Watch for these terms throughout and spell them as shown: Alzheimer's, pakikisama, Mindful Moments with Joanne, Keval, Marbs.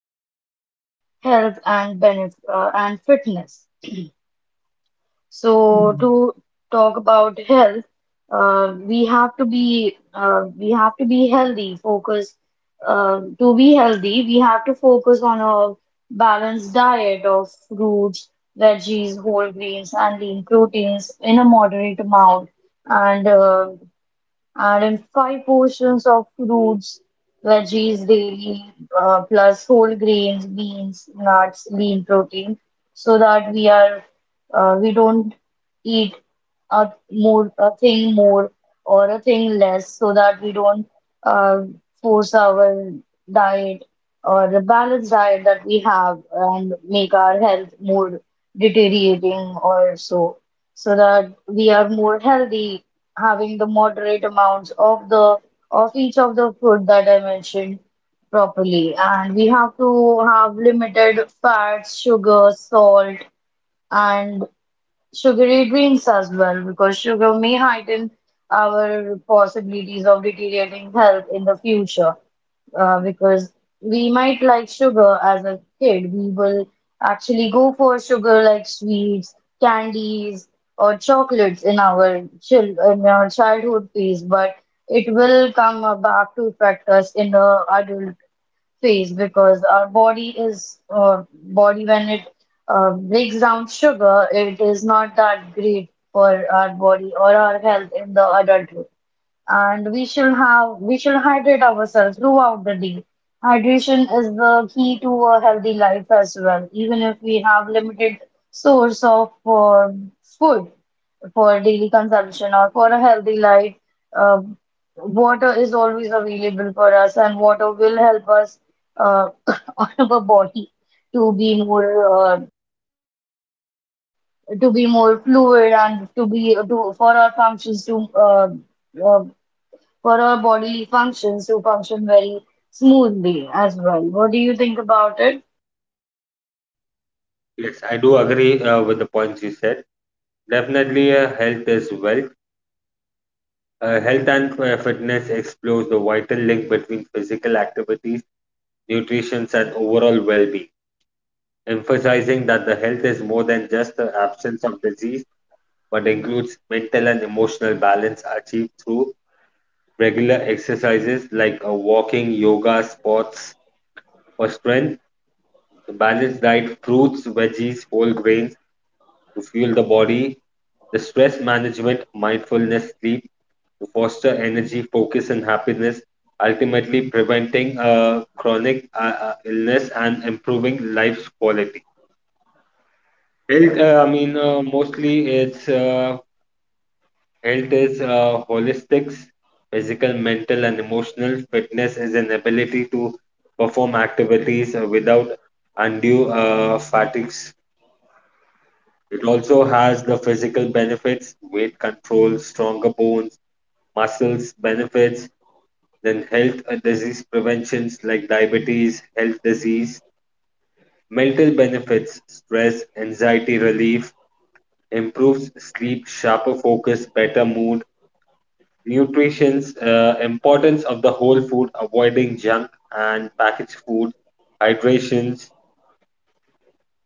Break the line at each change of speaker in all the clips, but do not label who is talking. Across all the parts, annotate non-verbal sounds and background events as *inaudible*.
topic is health and benef and fitness. So Mm. To talk about health, we have to be healthy. Focus To be healthy, we have to focus on a balanced diet of fruits, veggies, whole grains, and lean proteins in a moderate amount. And uh, and in five portions of fruits, veggies daily, plus whole grains, beans, nuts, lean protein, so that we don't eat a thing more or a thing less, so that we don't uh, force our diet or the balanced diet that we have and make our health more deteriorating, or so, so that we are more healthy, having the moderate amounts of the of each of the food that I mentioned properly. And we have to have limited fats, sugar, salt, and sugary drinks as well, because sugar may heighten our possibilities of deteriorating health in the future, because we might like sugar. As a kid we will actually go for sugar, like sweets, candies, or chocolates, in our childhood phase, but it will come back to affect us in the adult phase, because our body is body, when it breaks down sugar, it is not that great for our body or our health in the adulthood. And we should hydrate ourselves throughout the day. Hydration is the key to a healthy life as well. Even if we have limited source of food for daily consumption or for a healthy life, uh, water is always available for us, and water will help us uh, *coughs* on our body to be more fluid, and to be to uh, for our bodily functions to function very smoothly as well. What do you think about it?
Yes, I do agree with the points you said. Definitely, health is wealth. Health and fitness explores the vital link between physical activities, nutrition, and overall well being, emphasizing that the health is more than just the absence of disease, but includes mental and emotional balance achieved through regular exercises like walking, yoga, sports for strength. The balance diet fruits, veggies, whole grains to fuel the body, the stress management, mindfulness, sleep to foster energy, focus, and happiness, ultimately preventing chronic illness and improving life's quality. Health, I mean, mostly it's Health is holistic, physical, mental, and emotional. Fitness is an ability to perform activities without undue fatigue. It also has the physical benefits, weight control, stronger bones, muscles benefits, then health and disease preventions like diabetes, health disease, mental benefits, stress, anxiety relief, improves sleep, sharper focus, better mood, nutrition's importance of the whole food, avoiding junk and packaged food, hydrations.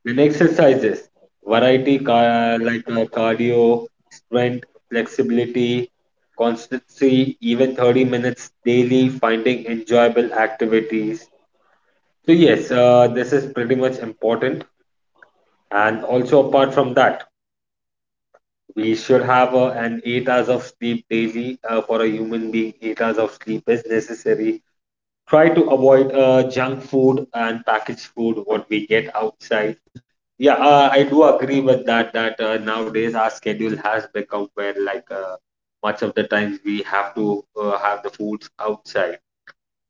Then exercises, like cardio, strength, flexibility, constancy, even 30 minutes daily, finding enjoyable activities. So yes, this is pretty much important. And also apart from that, we should have an 8 hours of sleep daily for a human being. 8 hours of sleep is necessary. Try to avoid junk food and packaged food, what we get outside. Yeah, I do agree with that. That nowadays our schedule has become where much of the times we have to have the foods outside.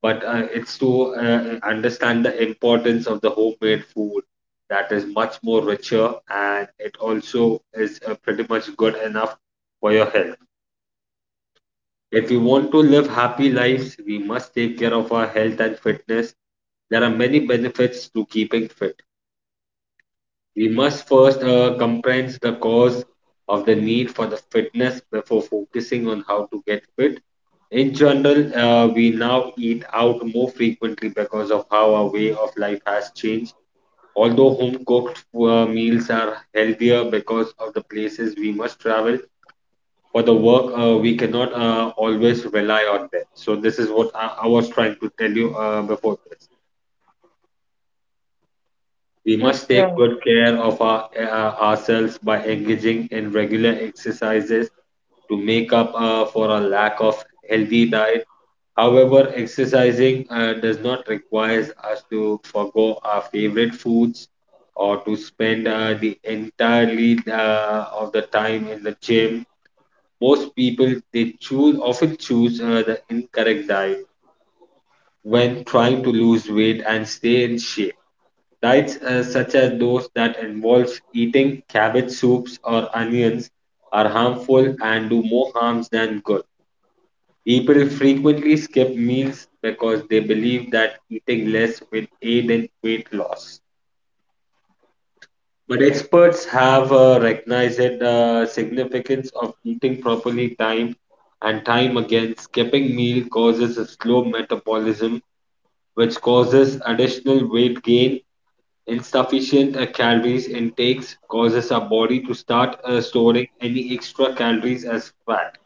But it's to understand the importance of the homemade food that is much more richer and it also is pretty much good enough for your health. If we want to live happy lives, we must take care of our health and fitness. There are many benefits to keeping fit. We must first comprehend the cause of the need for the fitness before focusing on how to get fit. In general, we now eat out more frequently because of how our way of life has changed. Although home cooked meals are healthier because of the places we must travel for the work, we cannot always rely on them. So, this is what I was trying to tell you before this. We
That's
must take
right.
good care of our, ourselves by engaging in regular exercises to make up for a lack of healthy diet. However, exercising does not require us to forgo our favorite foods or to spend the entirely of the time in the gym. Most people they choose often choose the incorrect diet when trying to lose weight and stay in shape. Diets such as those that involves eating cabbage soups or onions are harmful and do more harms than good. People frequently skip meals because they believe that eating less will aid in weight loss. But experts have recognized the significance of eating properly time and time again. Skipping meal causes a slow metabolism, which causes additional weight gain. Insufficient calories intakes causes our body to start storing any extra calories as fat.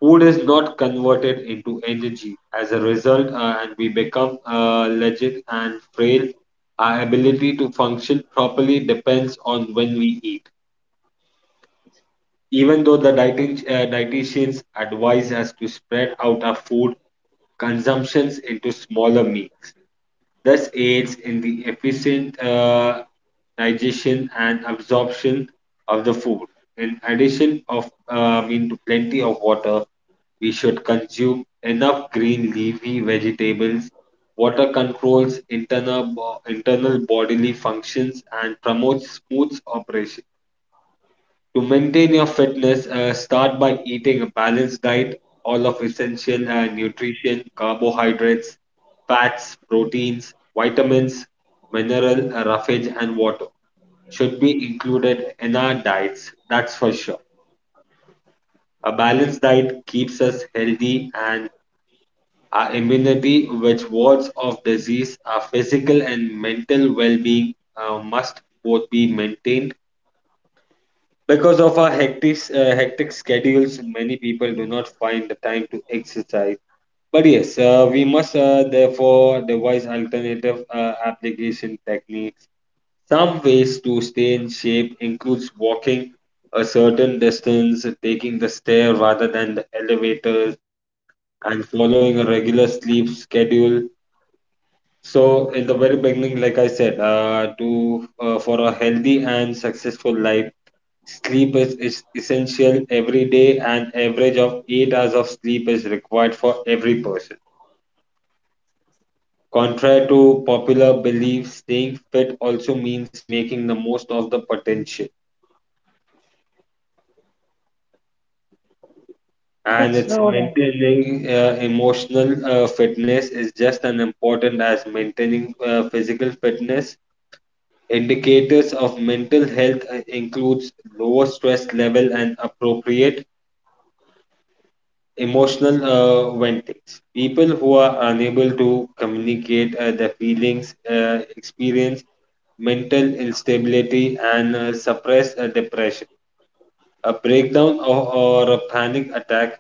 Food is not converted into energy. As a result, and we become legit and frail, our ability to function properly depends on when we eat. Even though the dietitians advise us to spread out our food consumptions into smaller meals. Thus aids in the efficient digestion and absorption of the food. In addition of mean to plenty of water, we should consume enough green leafy vegetables. Water controls internal bodily functions and promotes smooth operation. To maintain your fitness, start by eating a balanced diet, all of essential nutrition, carbohydrates, fats, proteins, vitamins, mineral, roughage, and water should be included in our diets. That's for sure. A balanced diet keeps us healthy and our immunity, which wards off disease, our physical and mental well being must both be maintained. Because of our hectic schedules, many people do not find the time to exercise. But yes, we must therefore devise alternative application techniques. Some ways to stay in shape includes walking a certain distance, taking the stair rather than the elevators, and following a regular sleep schedule. So, in the very beginning, like I said, to for a healthy and successful life. Sleep is essential every day. An average of 8 hours of sleep is required for every person. Contrary to popular belief, staying fit also means making the most of the potential. And
That's
it's
so right.
maintaining emotional fitness is just as important as maintaining physical fitness. Indicators of mental health includes lower stress level and appropriate emotional ventings. People who are unable to communicate their feelings experience mental instability and suppress depression. A breakdown or a panic attack,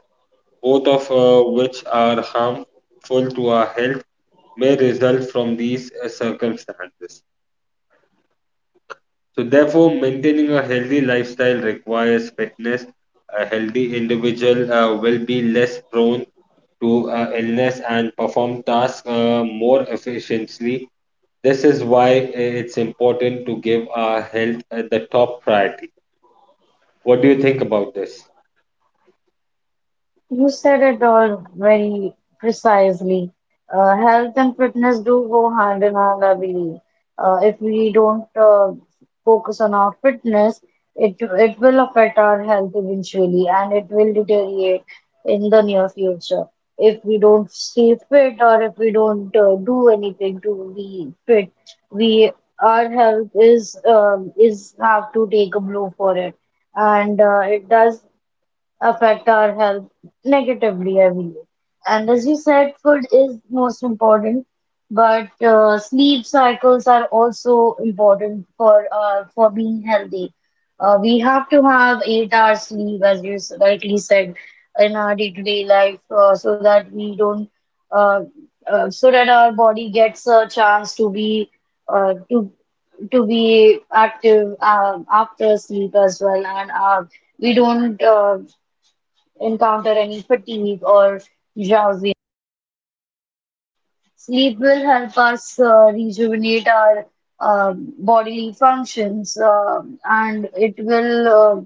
both of which are harmful to our health, may result from these circumstances. So, therefore, maintaining a healthy lifestyle requires fitness. A healthy individual will be less prone to illness and perform tasks more efficiently. This is why it's important to give our health the top priority. What do you think about this?
You said it all very precisely. Health and fitness do go hand in hand, I believe. If we don't focus on our fitness, it will affect our health eventually, and it will deteriorate in the near future. If we don't stay fit, or if we don't do anything to be fit, we, our health is have to take a blow for it, and it does affect our health negatively, I believe. And as you said, food is most important, but sleep cycles are also important for being healthy. We have to have 8 hours sleep, as you rightly said, in our day-to-day life, so that we don't, uh, so that our body gets a chance to be uh, to to be active after sleep as well, and we don't. Encounter any fatigue or drowsy. Sleep will help us rejuvenate our bodily functions and it will uh,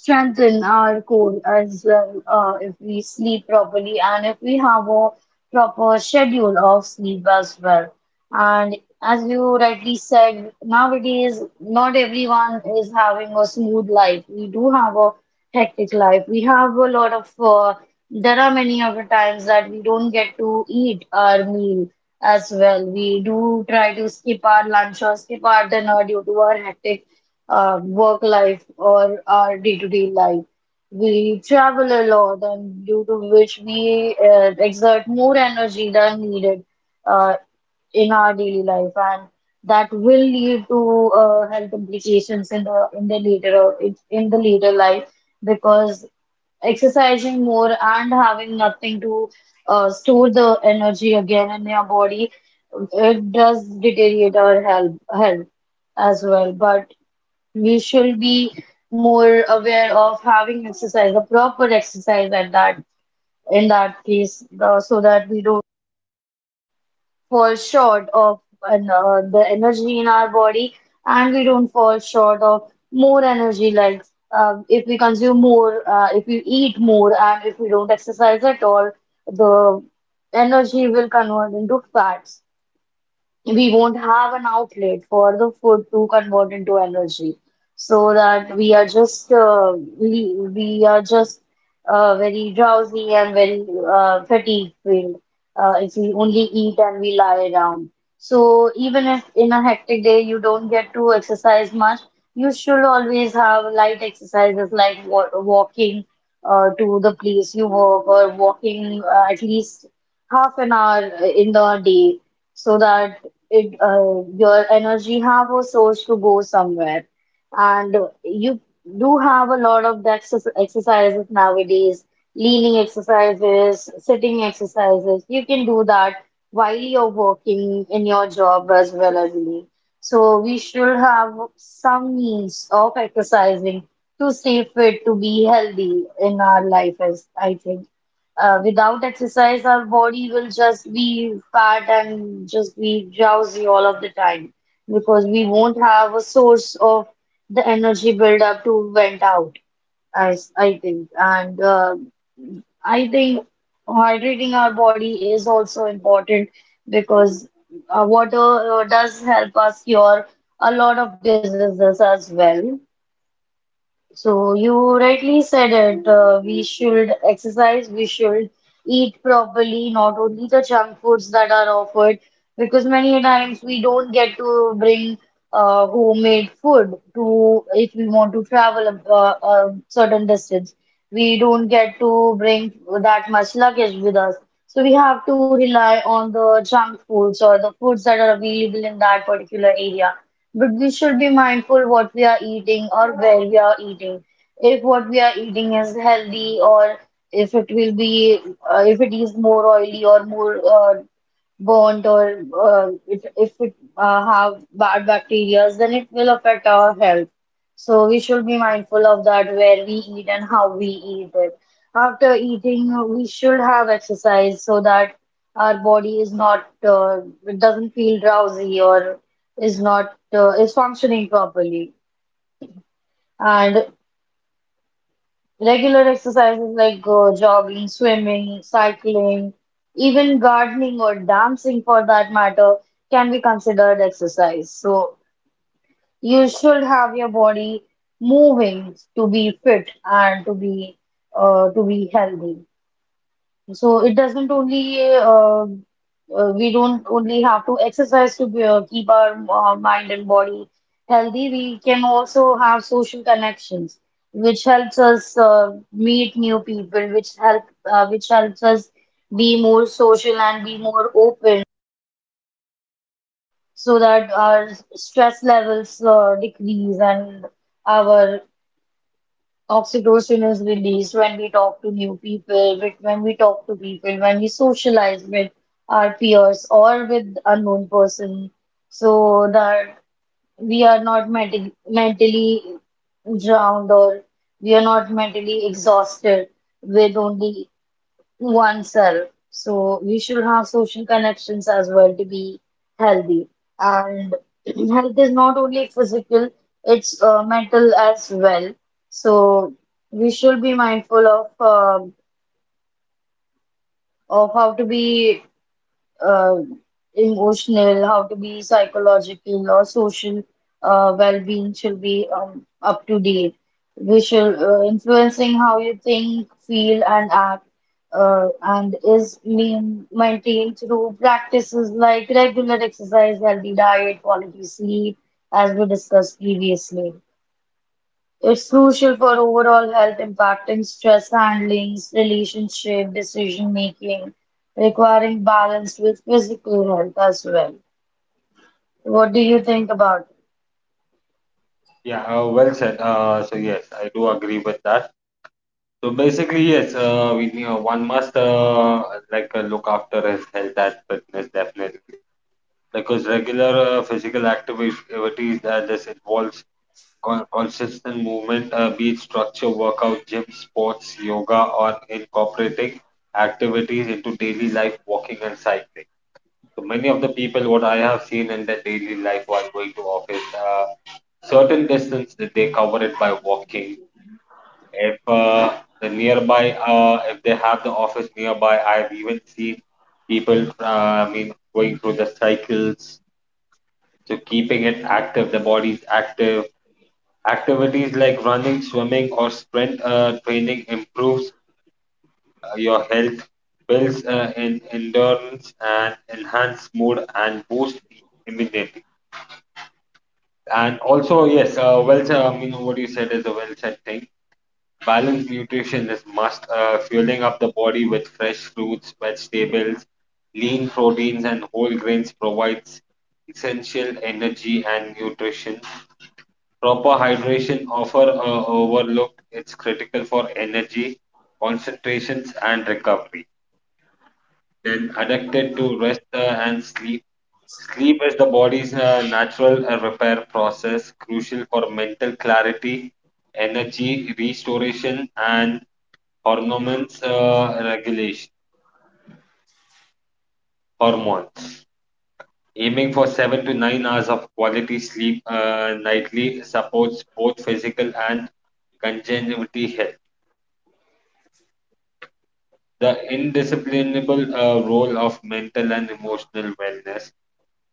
strengthen our core as well, if we sleep properly and if we have a proper schedule of sleep as well. And as you rightly said, nowadays not everyone is having a smooth life. We do have a hectic life. We have there are many of the times that we don't get to eat our meal as well. We do try to skip our lunch or skip our dinner due to our hectic work life or our day-to-day life. We travel a lot, and due to which we exert more energy than needed uh, in our daily life, and that will lead to health implications in the later life, because exercising more and having nothing to store the energy again in your body, it does deteriorate our health as well. But we should be more aware of having exercise, a proper exercise at that, in that case, so that we don't fall short of an, the energy in our body, and we don't fall short of more energy. Like, if we consume more, if we eat more, and if we don't exercise at all, the energy will convert into fats. We won't have an outlet for the food to convert into energy, so that we are just we are just very drowsy and very fatigue filled, if we only eat and we lie down. So even if in a hectic day you don't get to exercise much, you should always have light exercises like wa walking to the place you work, or walking at least half an hour in the day, so that it your energy have a source to go somewhere. And you do have a lot of exercises nowadays, leaning exercises, sitting exercises. You can do that while you're working in your job as well as leave. So we should have some means of exercising, to stay fit, to be healthy in our life, as I think. Uh, without exercise, our body will just be fat and just be drowsy all of the time, because we won't have a source of the energy build up to vent out, as I think. And I think hydrating our body is also important, because water does help us cure a lot of diseases as well. So you rightly said it. We should exercise, we should eat properly, not only the junk foods that are offered, because many a times we don't get to bring homemade food to if we want to travel a certain distance. We don't get to bring that much luggage with us. So we have to rely on the junk foods or the foods that are available in that particular area. But we should be mindful what we are eating or where we are eating. If what we are eating is healthy, or if it will be, if it is more oily or more burnt, or if it have bad bacteria, then it will affect our health. So we should be mindful of that, where we eat and how we eat it. After eating, we should have exercise so that our body is not, it doesn't feel drowsy, or is not is functioning properly. And regular exercises like jogging, swimming, cycling, even gardening or dancing for that matter, can be considered exercise. So you should have your body moving to be fit and to be healthy. So it doesn't only we don't only have to exercise to keep our mind and body healthy. We can also have social connections, which helps us meet new people, which help which helps us be more social and be more open, so that our stress levels decrease, and our Oxytocin is released when we talk to new people, with when we talk to people, when we socialize with our peers or with unknown person, so that we are not mentally drowned, or we are not mentally exhausted with only oneself. So we should have social connections as well to be healthy. And *clears throat* health is not only physical, it's mental as well. So we should be mindful of how to be uh, emotional, how to be psychological or social, well-being should be up to date. We should influencing how you think, feel, and act, maintained through practices like regular exercise, healthy diet, quality sleep, as we discussed previously. It's crucial for overall health, impacting stress handling, relationship, decision making, requiring balance with physical health as well. What do you think about it?
Yeah, well said. So yes, I do agree with that. So basically, yes, we one must look after his health and fitness definitely. Because regular physical activities that this involves consistent movement, be it structure, workout, gym, sports, yoga, or incorporating activities into daily life, walking and cycling. So many of the people, what I have seen in their daily life while going to office, certain distance that they cover it by walking. If the nearby, if they have the office nearby, I've even seen people, going through the cycles, so keeping it active, the body's active. Activities like running, swimming, or strength training improves your health, builds in endurance, and enhance mood and boost immunity. And also, yes, well said. I mean, what you said is a well said thing. Balanced nutrition is must. Fueling up the body with fresh fruits, vegetables, lean proteins, and whole grains provides essential energy and nutrition. Proper hydration often overlooked. It's critical for energy, concentrations, and recovery. Then adapted to rest and sleep. Sleep is the body's natural repair process, crucial for mental clarity, energy restoration, and hormones regulation. Hormones. Aiming for 7 to 9 hours of quality sleep nightly supports both physical and congenity health. The indisciplinable role of mental and emotional wellness.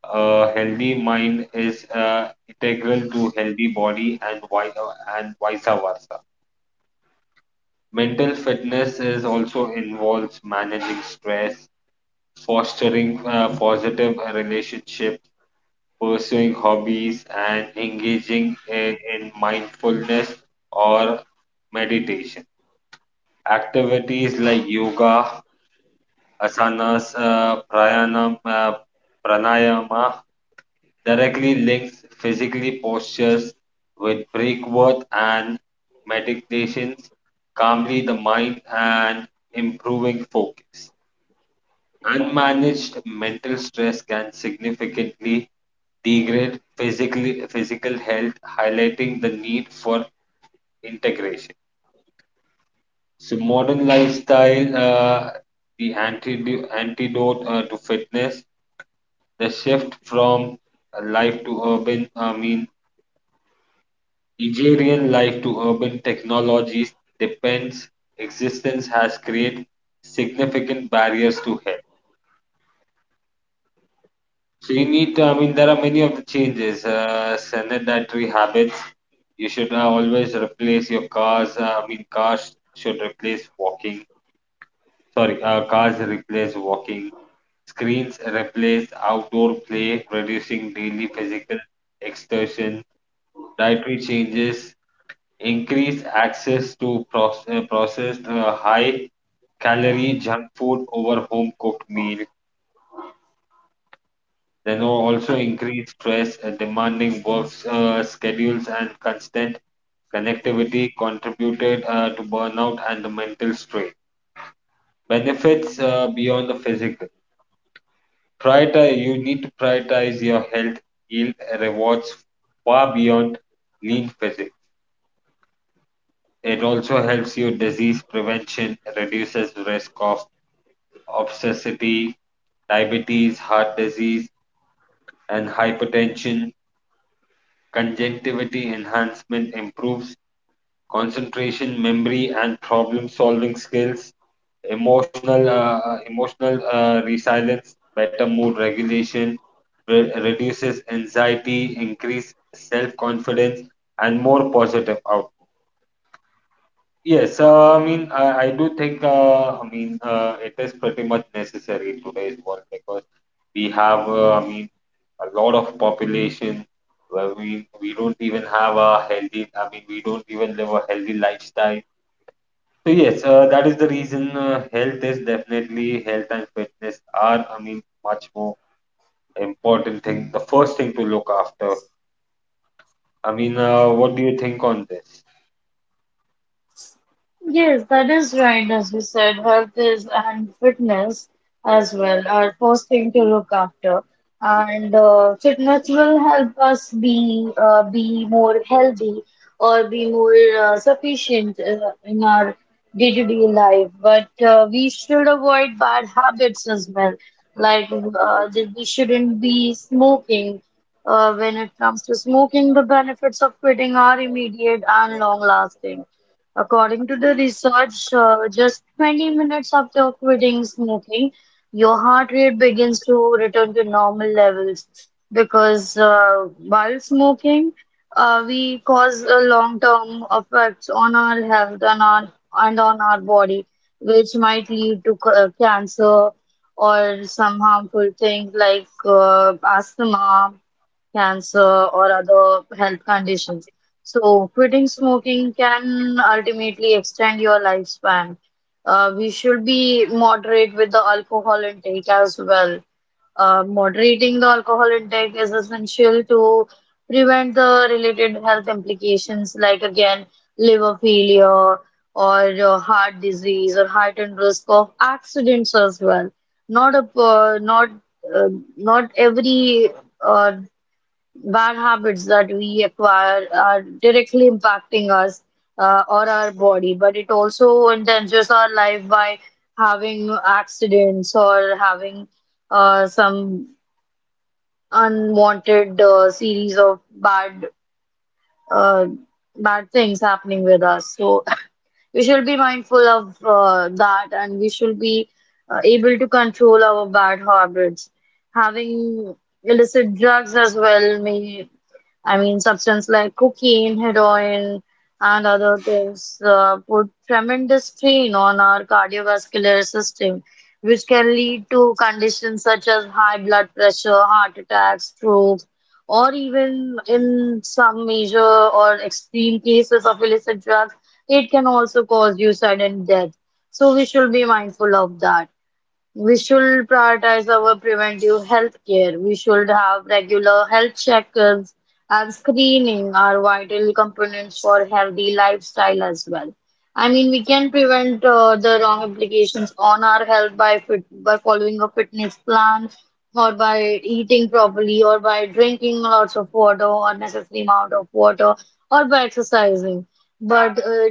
A healthy mind is integral to healthy body and and vice versa. Mental fitness is also involves managing stress, fostering positive relationships, pursuing hobbies, and engaging in mindfulness or meditation. Activities like yoga, asanas, pranayama directly links physically postures with breath work and meditations, calmly the mind and improving focus. Unmanaged mental stress can significantly physical health, highlighting the need for integration. So modern lifestyle, antidote to fitness. The shift from life to urban, I mean, agrarian life to urban technologies depends existence has created significant barriers to health. So you need to, I mean, there are many of the changes, sanitary habits. You should always replace your cars. I mean, cars should replace walking. Sorry, cars replace walking. Screens replace outdoor play, reducing daily physical exertion. Dietary changes, increased access to processed high calorie junk food over home cooked meal, then also increased stress, demanding work schedules, and constant connectivity contributed to burnout and the mental strain. Benefits beyond the physical. Prioritize, you need to prioritize your health, yield rewards far beyond lean physique. It also helps you disease prevention, reduces risk of obesity, diabetes, heart disease, and hypertension. Conjunctivity enhancement improves concentration, memory, and problem-solving skills. Emotional resilience, better mood regulation, reduces anxiety, increase self-confidence, and more positive outcomes. Yes, I do think, it is pretty much necessary in today's world because we have, a lot of population where we don't even have a healthy, we don't even live a healthy lifestyle. So, yes, that is the reason health is definitely, health and fitness are, much more important thing, the first thing to look after. What do you think on this?
Yes, that is right. As you said, health is and fitness as well are first thing to look after. And fitness will help us be more healthy, or be more sufficient in our day-to-day life. But we should avoid bad habits as well. Like that we shouldn't be smoking. When it comes to smoking, the benefits of quitting are immediate and long-lasting. According to the research, just 20 minutes after quitting smoking, your heart rate begins to return to normal levels, because while smoking, we cause a long-term effects on our health, and on our body, which might lead to cancer, or some harmful things like asthma, cancer, or other health conditions. So, quitting smoking can ultimately extend your lifespan. We should be moderate with the alcohol intake as well. Moderating the alcohol intake is essential to prevent the related health implications, like again, liver failure, or heart disease, or heightened risk of accidents as well. Not a not uh, not every uh, bad habits that we acquire are directly impacting us or our body, but it also endangers our life by having accidents or having some unwanted series of bad uh, bad things happening with us. So we should be mindful of that, and we should be able to control our bad habits. Having illicit drugs as well may I mean, substances like cocaine, heroin, and other things put tremendous strain on our cardiovascular system, which can lead to conditions such as high blood pressure, heart attacks, stroke, or even in some major or extreme cases of illicit drugs, it can also cause you sudden death. So we should be mindful of that. We should prioritize our preventive health care. We should have regular health checkups and screening are vital components for healthy lifestyle as well. I mean, we can prevent the wrong implications on our health by fit by following a fitness plan or by eating properly or by drinking lots of water or necessary amount of water or by exercising. But uh,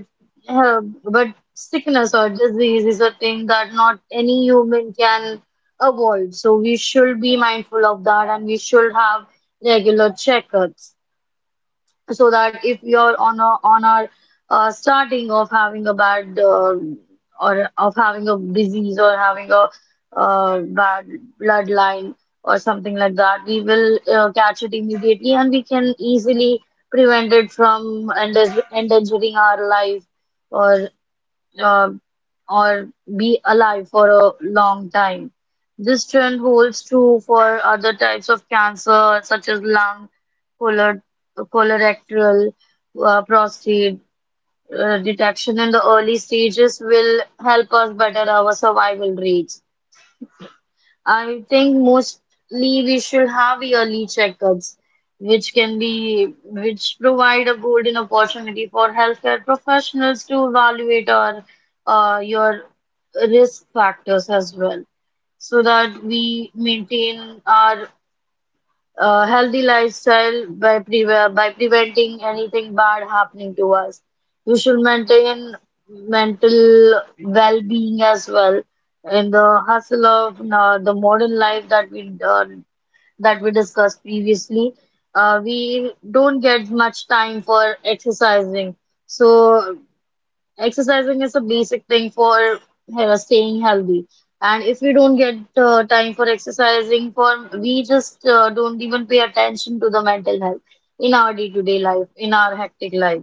but sickness or disease is a thing that not any human can avoid. So we should be mindful of that and we should have regular checkups so that if you're on our starting of having a bad or of having a disease or having a bad bloodline or something like that, we will catch it immediately and we can easily prevent it from endangering our life or um, or be alive for a long time. This trend holds true for other types of cancer, such as lung, color, colorectal, prostate. Detection in the early stages will help us better our survival rates. I think mostly we should have yearly checkups, which can be which provide a golden opportunity for healthcare professionals to evaluate our your risk factors as well, so that we maintain our a healthy lifestyle by preventing anything bad happening to us. We should maintain mental well-being as well in the hustle of the modern life that we discussed previously. We don't get much time for exercising, so exercising is a basic thing for staying healthy. And if we don't get time for exercising, for we just don't even pay attention to the mental health in our day-to-day life, in our hectic life.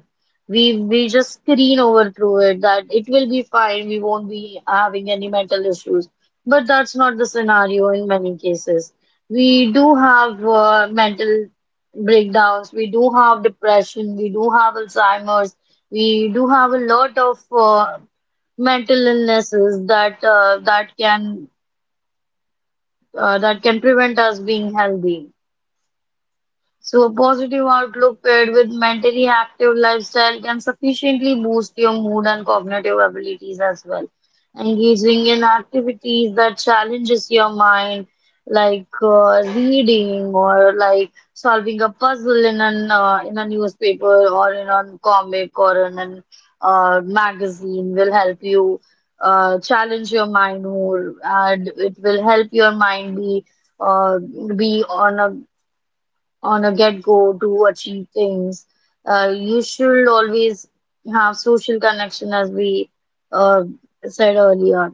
We just screen over through it that it will be fine. We won't be having any mental issues. But that's not the scenario in many cases. We do have mental breakdowns. We do have depression. We do have Alzheimer's. We do have a lot of mental illnesses that can prevent us being healthy. So a positive outlook paired with mentally active lifestyle can sufficiently boost your mood and cognitive abilities as well. Engaging in activities that challenges your mind, like reading or like solving a puzzle in an in a newspaper or in a comic or in an magazine, will help you challenge your mind more, and it will help your mind uh, be on a get-go to achieve things. You should always have social connection, as we uh, said earlier.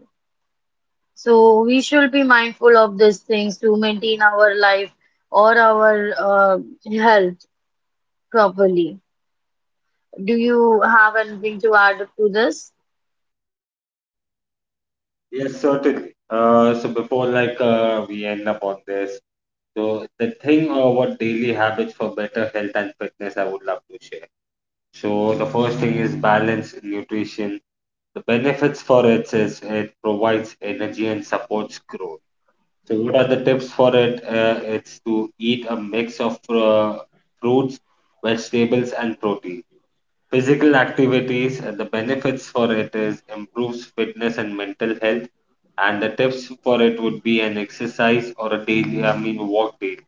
So we should be mindful of these things to maintain our life or our health properly. Do you have anything to add to this?
Yes, certainly. So before we end up on this, so the thing or what daily habits for better health and fitness I would love to share. So the first thing is balanced nutrition. The benefits for it is it provides energy and supports growth. So what are the tips for it? It's to eat a mix of fruits, vegetables, and protein. Physical activities. The benefits for it is improves fitness and mental health. And the tips for it would be an exercise or a daily, walk daily.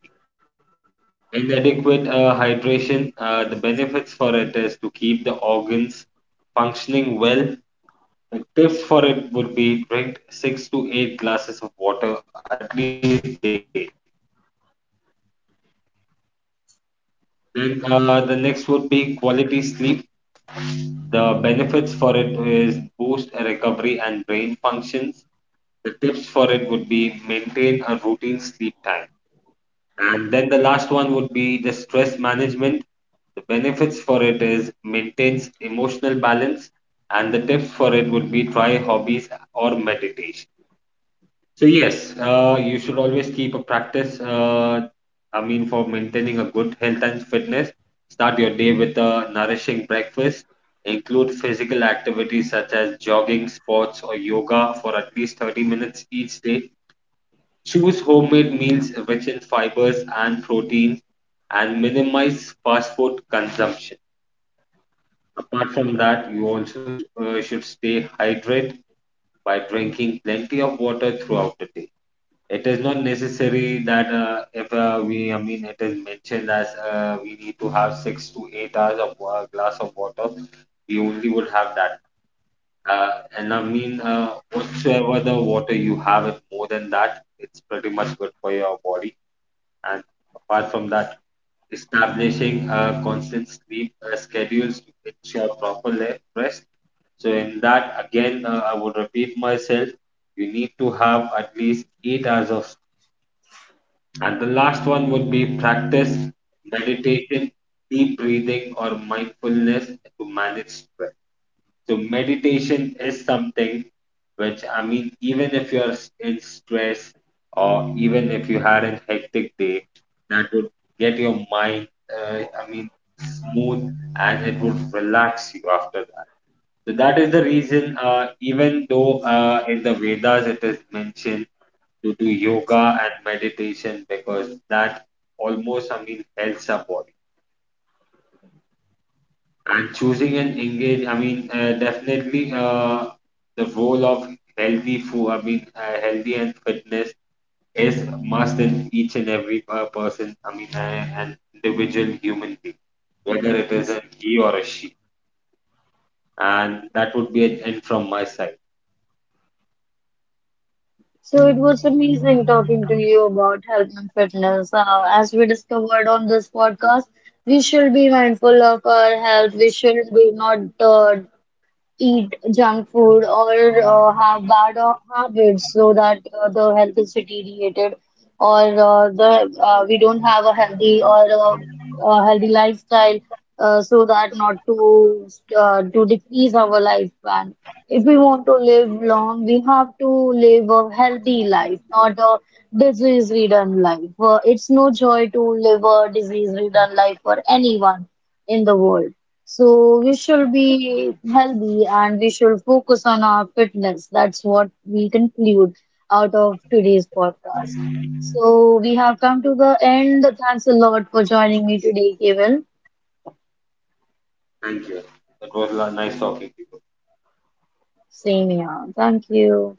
Inadequate hydration, the benefits for it is to keep the organs functioning well. The tips for it would be drink 6 to 8 glasses of water at least daily. Then the next would be quality sleep. The benefits for it is boost recovery and brain functions. The tips for it would be maintain a routine sleep time. And then the last one would be the stress management. The benefits for it is maintains emotional balance, and the tips for it would be try hobbies or meditation. So yes, you should always keep a practice. For maintaining a good health and fitness, start your day with a nourishing breakfast. Include physical activities such as jogging, sports, or yoga for at least 30 minutes each day. Choose homemade meals rich in fibers and proteins and minimize fast food consumption. Apart from that, you also should stay hydrated by drinking plenty of water throughout the day. It is not necessary that if we, I mean, it is mentioned as we need to have 6 to 8 hours of a glass of water. We only would have that. Uh, Whatsoever the water you have, it more than that, it's pretty much good for your body. And apart from that, establishing a constant sleep schedules to ensure rest. So in that, again, I would repeat myself, you need to have at least 8 hours of sleep. And the last one would be practice meditation, deep breathing, or mindfulness to manage stress. So meditation is something which, even if you're in stress or even if you had a hectic day, that would get your mind, uh, I mean, smooth and it would relax you after that. So that is the reason, even though in the Vedas it is mentioned to do yoga and meditation because that almost, helps our body. And choosing an engage, definitely the role of healthy food, healthy and fitness is must in each and every person, an individual human being, whether it is a he or a she. And that would be it, and from my side.
So it was amazing talking to you about health and fitness. As we discovered on this podcast, we should be mindful of our health. We should be not eat junk food or have bad habits so that the health is deteriorated or the we don't have a healthy lifestyle so that not to to decrease our lifespan. If we want to live long, we have to live a healthy life, not a disease-ridden life. It's no joy to live a disease-ridden life for anyone in the world. So we should be healthy and we should focus on our fitness. That's what we conclude out of today's podcast. So we have come to the end. Thanks a lot for joining me today, Kevin.
Thank you. It was nice talking to you.
Same here. Thank you.